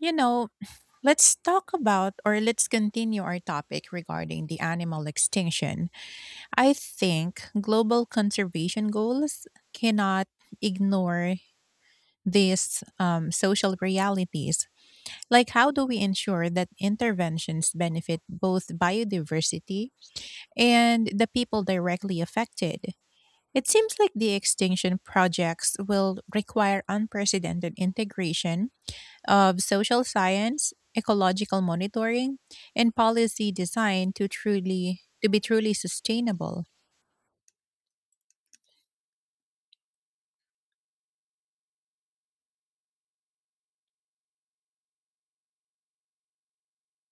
You know, let's talk about or let's continue our topic regarding the animal extinction. I think global conservation goals cannot ignore these social realities. Like, how do we ensure that interventions benefit both biodiversity and the people directly affected? It seems like the extinction projects will require unprecedented integration of social science, ecological monitoring, and policy design to be truly sustainable.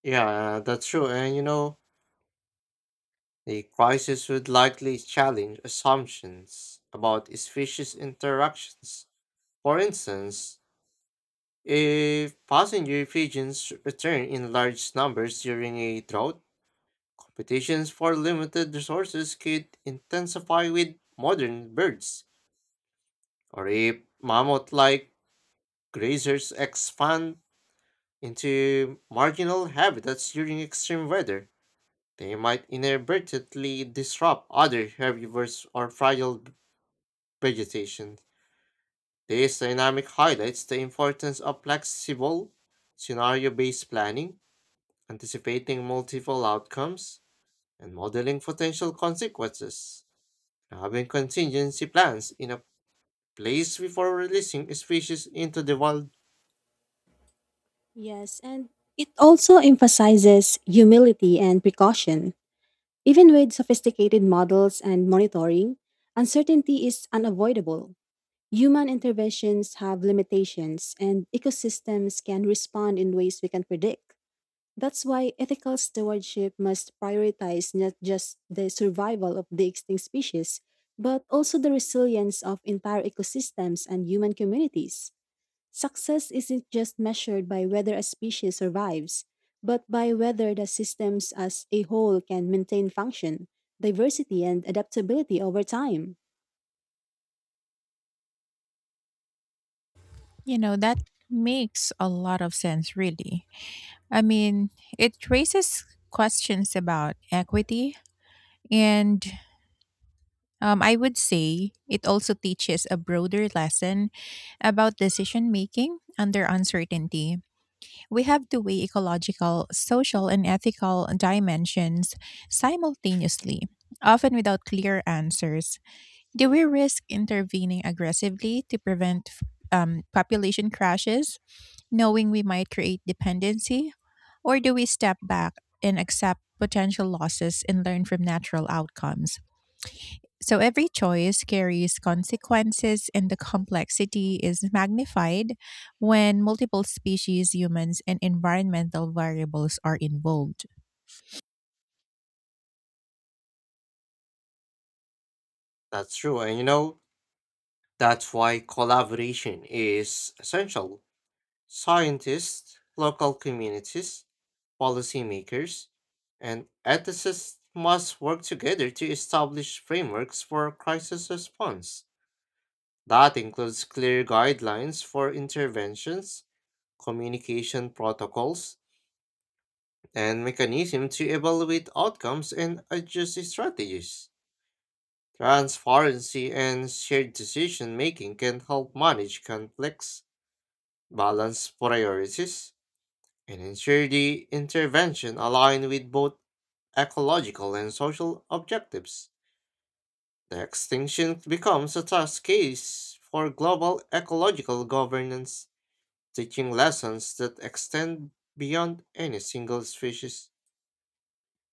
Yeah, that's true. The crisis would likely challenge assumptions about species interactions. For instance, if passenger pigeons return in large numbers during a drought, competitions for limited resources could intensify with modern birds. Or if mammoth like grazers expand into marginal habitats during extreme weather. They might inadvertently disrupt other herbivores or fragile vegetation. This dynamic highlights the importance of flexible, scenario based planning, anticipating multiple outcomes, and modeling potential consequences. Having contingency plans in a place before releasing species into the wild, Yes, and it also emphasizes humility and precaution. Even with sophisticated models and monitoring, uncertainty is unavoidable. Human interventions have limitations, and ecosystems can respond in ways we can predict. That's why ethical stewardship must prioritize not just the survival of the extinct species, but also the resilience of entire ecosystems and human communities. Success isn't just measured by whether a species survives, but by whether the systems as a whole can maintain function, diversity, and adaptability over time. You know, that makes a lot of sense really. I mean, it raises questions about equity and I would say it also teaches a broader lesson about decision making under uncertainty. We have to weigh ecological, social, and ethical dimensions simultaneously, often without clear answers. Do we risk intervening aggressively to prevent population crashes, knowing we might create dependency? Or do we step back and accept potential losses and learn from natural outcomes? So every choice carries consequences, and the complexity is magnified when multiple species, humans, and environmental variables are involved. that's true, and that's why collaboration is essential. Scientists, local communities, policymakers, and ethicists must work together to establish frameworks for crisis response. That includes clear guidelines for interventions, communication protocols, and mechanisms to evaluate outcomes and adjust strategies. Transparency and shared decision making can help manage conflicts, balance priorities, and ensure the intervention align with both ecological and social objectives. The extinction becomes a test case for global ecological governance, teaching lessons that extend beyond any single species.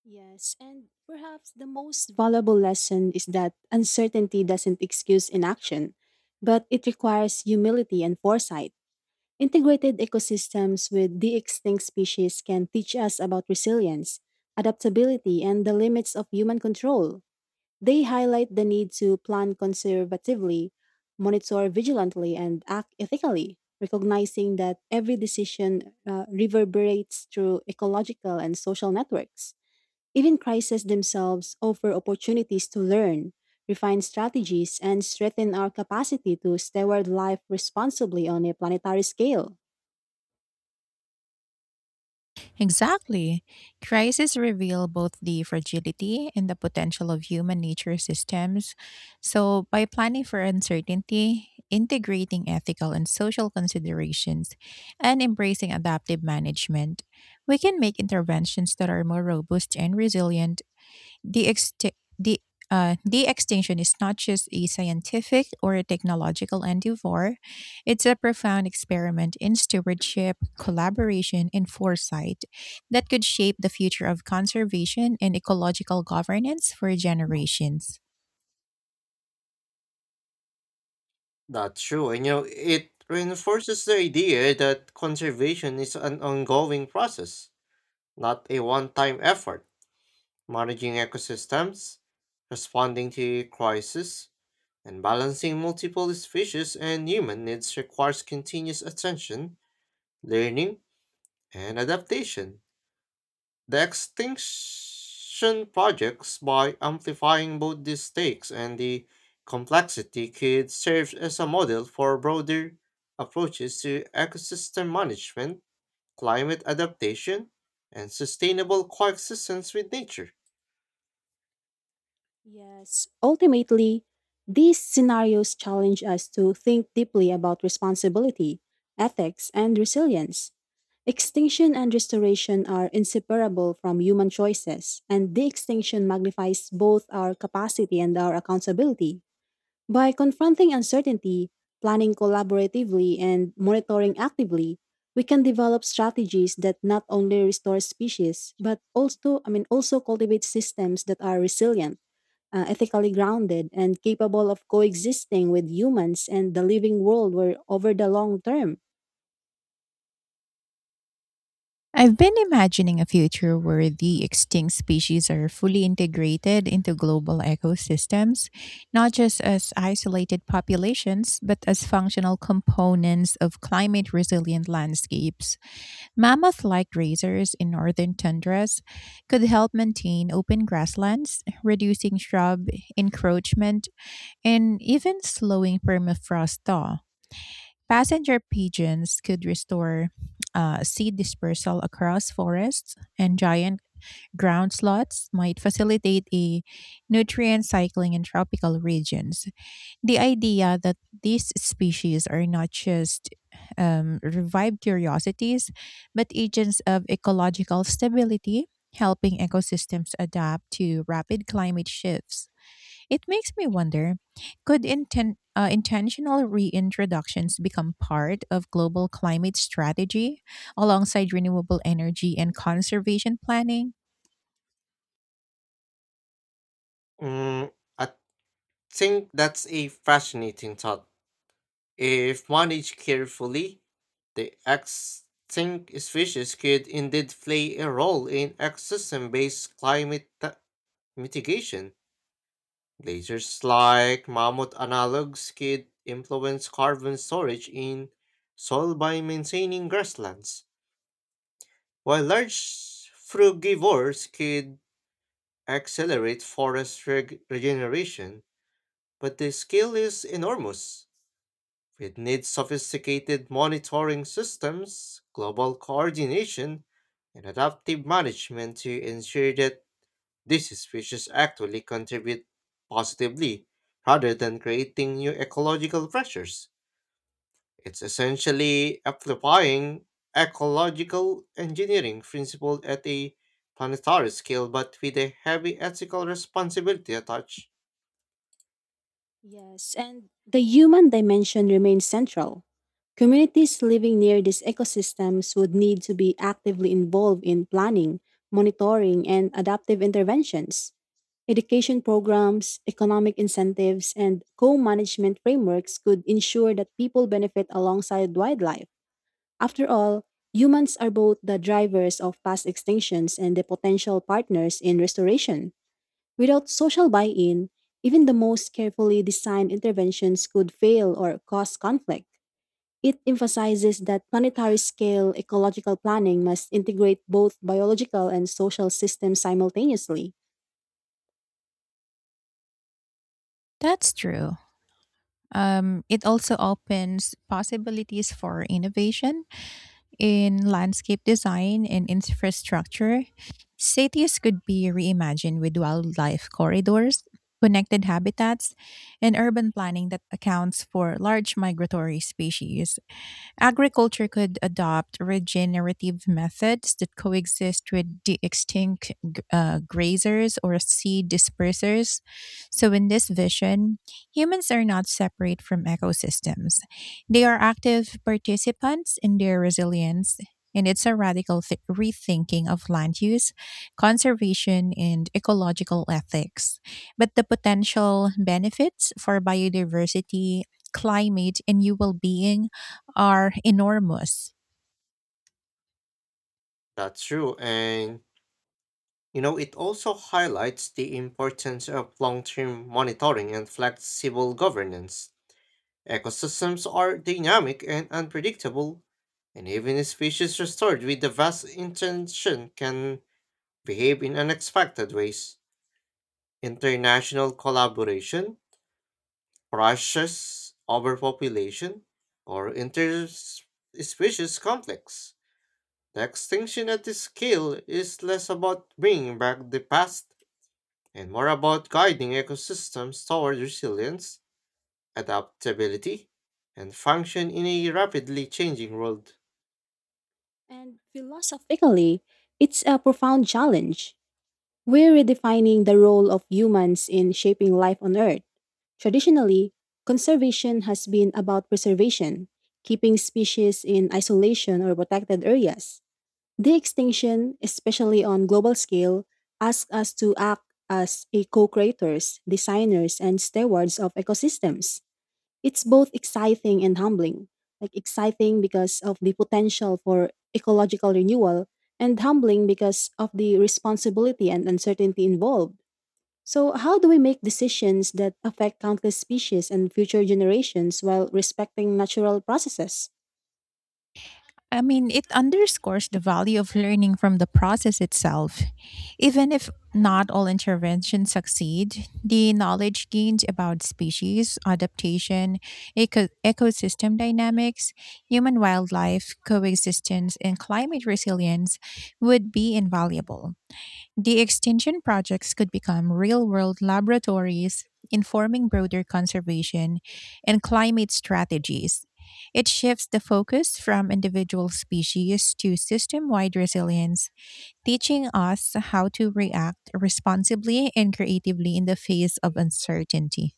Yes, and perhaps the most valuable lesson is that uncertainty doesn't excuse inaction, but it requires humility and foresight. Integrated ecosystems with the extinct species can teach us about resilience, adaptability, and the limits of human control. They highlight the need to plan conservatively, monitor vigilantly, and act ethically, recognizing that every decision reverberates through ecological and social networks. Even crises themselves offer opportunities to learn, refine strategies, and strengthen our capacity to steward life responsibly on a planetary scale. Exactly. Crises reveal both the fragility and the potential of human nature systems. So, by planning for uncertainty, integrating ethical and social considerations, and embracing adaptive management, we can make interventions that are more robust and resilient. The, exti- the, the extinction is not just a scientific or a technological endeavor, it's a profound experiment in stewardship, collaboration, and foresight that could shape the future of conservation and ecological governance for generations. That's true, and it reinforces the idea that conservation is an ongoing process, not a one time effort. Managing ecosystems, responding to crisis, and balancing multiple species and human needs requires continuous attention, learning, and adaptation. The Extinction Projects, by amplifying both the stakes and the complexity, could serve as a model for broader approaches to ecosystem management, climate adaptation, and sustainable coexistence with nature. Yes, ultimately, these scenarios challenge us to think deeply about responsibility, ethics, and resilience. Extinction and restoration are inseparable from human choices, and de extinction magnifies both our capacity and our accountability. By confronting uncertainty, planning collaboratively, and monitoring actively, we can develop strategies that not only restore species but also also cultivate systems that are resilient, ethically grounded, and capable of coexisting with humans and the living world were over the long term. I've been imagining a future where the extinct species are fully integrated into global ecosystems, not just as isolated populations, but as functional components of climate resilient landscapes. Mammoth like grazers in northern tundras could help maintain open grasslands, reducing shrub encroachment, and even slowing permafrost thaw. Passenger pigeons could restore seed dispersal across forests, and giant ground slots might facilitate a nutrient cycling in tropical regions. The idea that these species are not just revived curiosities, but agents of ecological stability, helping ecosystems adapt to rapid climate shifts. It makes me wonder, could intentional reintroductions become part of global climate strategy alongside renewable energy and conservation planning? Mm, I think that's a fascinating thought. If managed carefully, the extinct species could indeed play a role in ecosystem-based climate mitigation. Glaciers like mammoth analogs could influence carbon storage in soil by maintaining grasslands, while large frugivores could accelerate forest regeneration. But the scale is enormous. It needs sophisticated monitoring systems, global coordination, and adaptive management to ensure that these species actually contribute positively rather than creating new ecological pressures. It's essentially amplifying ecological engineering principles at a planetary scale but with a heavy ethical responsibility attached. Yes, and the human dimension remains central. Communities living near these ecosystems would need to be actively involved in planning, monitoring, and adaptive interventions. Education programs, economic incentives, and co management frameworks could ensure that people benefit alongside wildlife. After all, humans are both the drivers of past extinctions and the potential partners in restoration. Without social buy in, even the most carefully designed interventions could fail or cause conflict. It emphasizes that planetary scale ecological planning must integrate both biological and social systems simultaneously. That's true. It also opens possibilities for innovation in landscape design and infrastructure. Cities could be reimagined with wildlife corridors, connected habitats, and urban planning that accounts for large migratory species. Agriculture could adopt regenerative methods that coexist with the extinct grazers or seed dispersers. So, in this vision, humans are not separate from ecosystems, they are active participants in their resilience. And it's a radical rethinking of land use, conservation, and ecological ethics. But the potential benefits for biodiversity, climate, and new well being are enormous. That's true, and it also highlights the importance of long term monitoring and flexible governance. Ecosystems are dynamic and unpredictable, and even species restored with the best intention can behave in unexpected ways. International collaboration, precious overpopulation, or interspecies conflicts. The extinction at this scale is less about bringing back the past and more about guiding ecosystems toward resilience, adaptability, and function in a rapidly changing world. And philosophically, it's a profound challenge. We're redefining the role of humans in shaping life on Earth. Traditionally, conservation has been about preservation, keeping species in isolation or protected areas. The extinction, especially on global scale, asks us to act as a co-creators, designers, and stewards of ecosystems. It's both exciting and humbling. Like exciting because of the potential for ecological renewal and humbling because of the responsibility and uncertainty involved. So, how do we make decisions that affect countless species and future generations while respecting natural processes? I mean, it underscores the value of learning from the process itself. Even if not all interventions succeed, the knowledge gained about species, adaptation, ecosystem dynamics, human wildlife coexistence, and climate resilience would be invaluable. The extinction projects could become real world laboratories informing broader conservation and climate strategies. It shifts the focus from individual species to system wide resilience, teaching us how to react responsibly and creatively in the face of uncertainty.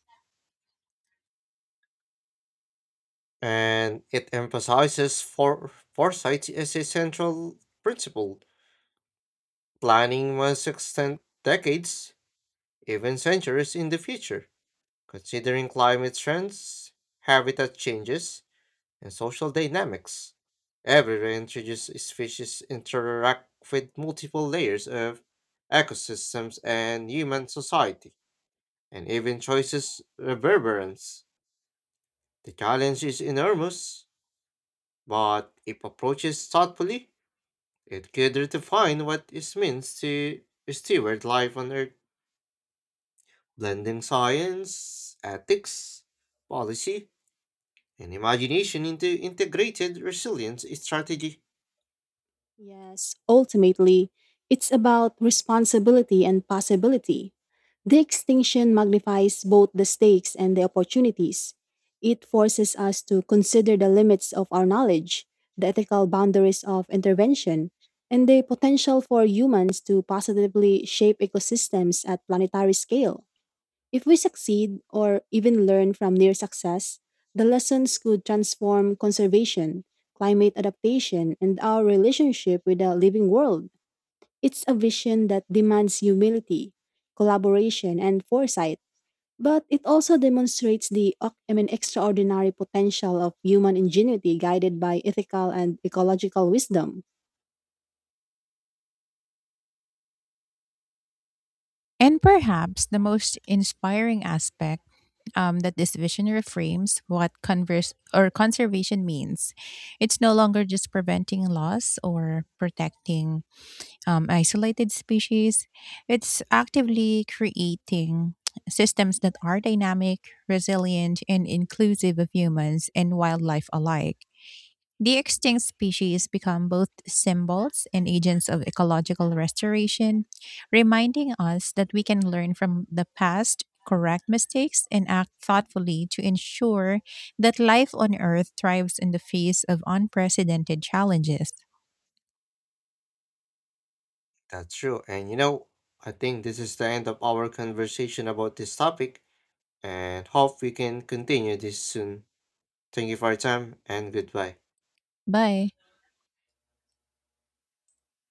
And it emphasizes for foresight as a central principle. Planning must extend decades, even centuries in the future, considering climate trends, habitat changes, and social dynamics. Every introduced species interact with multiple layers of ecosystems and human society, and even choices reverberance. The challenge is enormous, but if approached thoughtfully, it could redefine what it means to steward life on Earth, blending science, ethics, policy, and imagination into integrated resilience strategy. Yes, ultimately, it's about responsibility and possibility. The extinction magnifies both the stakes and the opportunities. It forces us to consider the limits of our knowledge, the ethical boundaries of intervention, and the potential for humans to positively shape ecosystems at planetary scale. If we succeed or even learn from near success, the lessons could transform conservation, climate adaptation, and our relationship with the living world. It's a vision that demands humility, collaboration, and foresight, but it also demonstrates the extraordinary potential of human ingenuity guided by ethical and ecological wisdom. And perhaps the most inspiring aspect, that this vision reframes what converse or conservation means. It's no longer just preventing loss or protecting isolated species. It's actively creating systems that are dynamic, resilient, and inclusive of humans and wildlife alike. The extinct species become both symbols and agents of ecological restoration, reminding us that we can learn from the past, correct mistakes, and act thoughtfully to ensure that life on Earth thrives in the face of unprecedented challenges. That's true. And I think this is the end of our conversation about this topic and hope we can continue this soon. Thank you for your time and goodbye. Bye.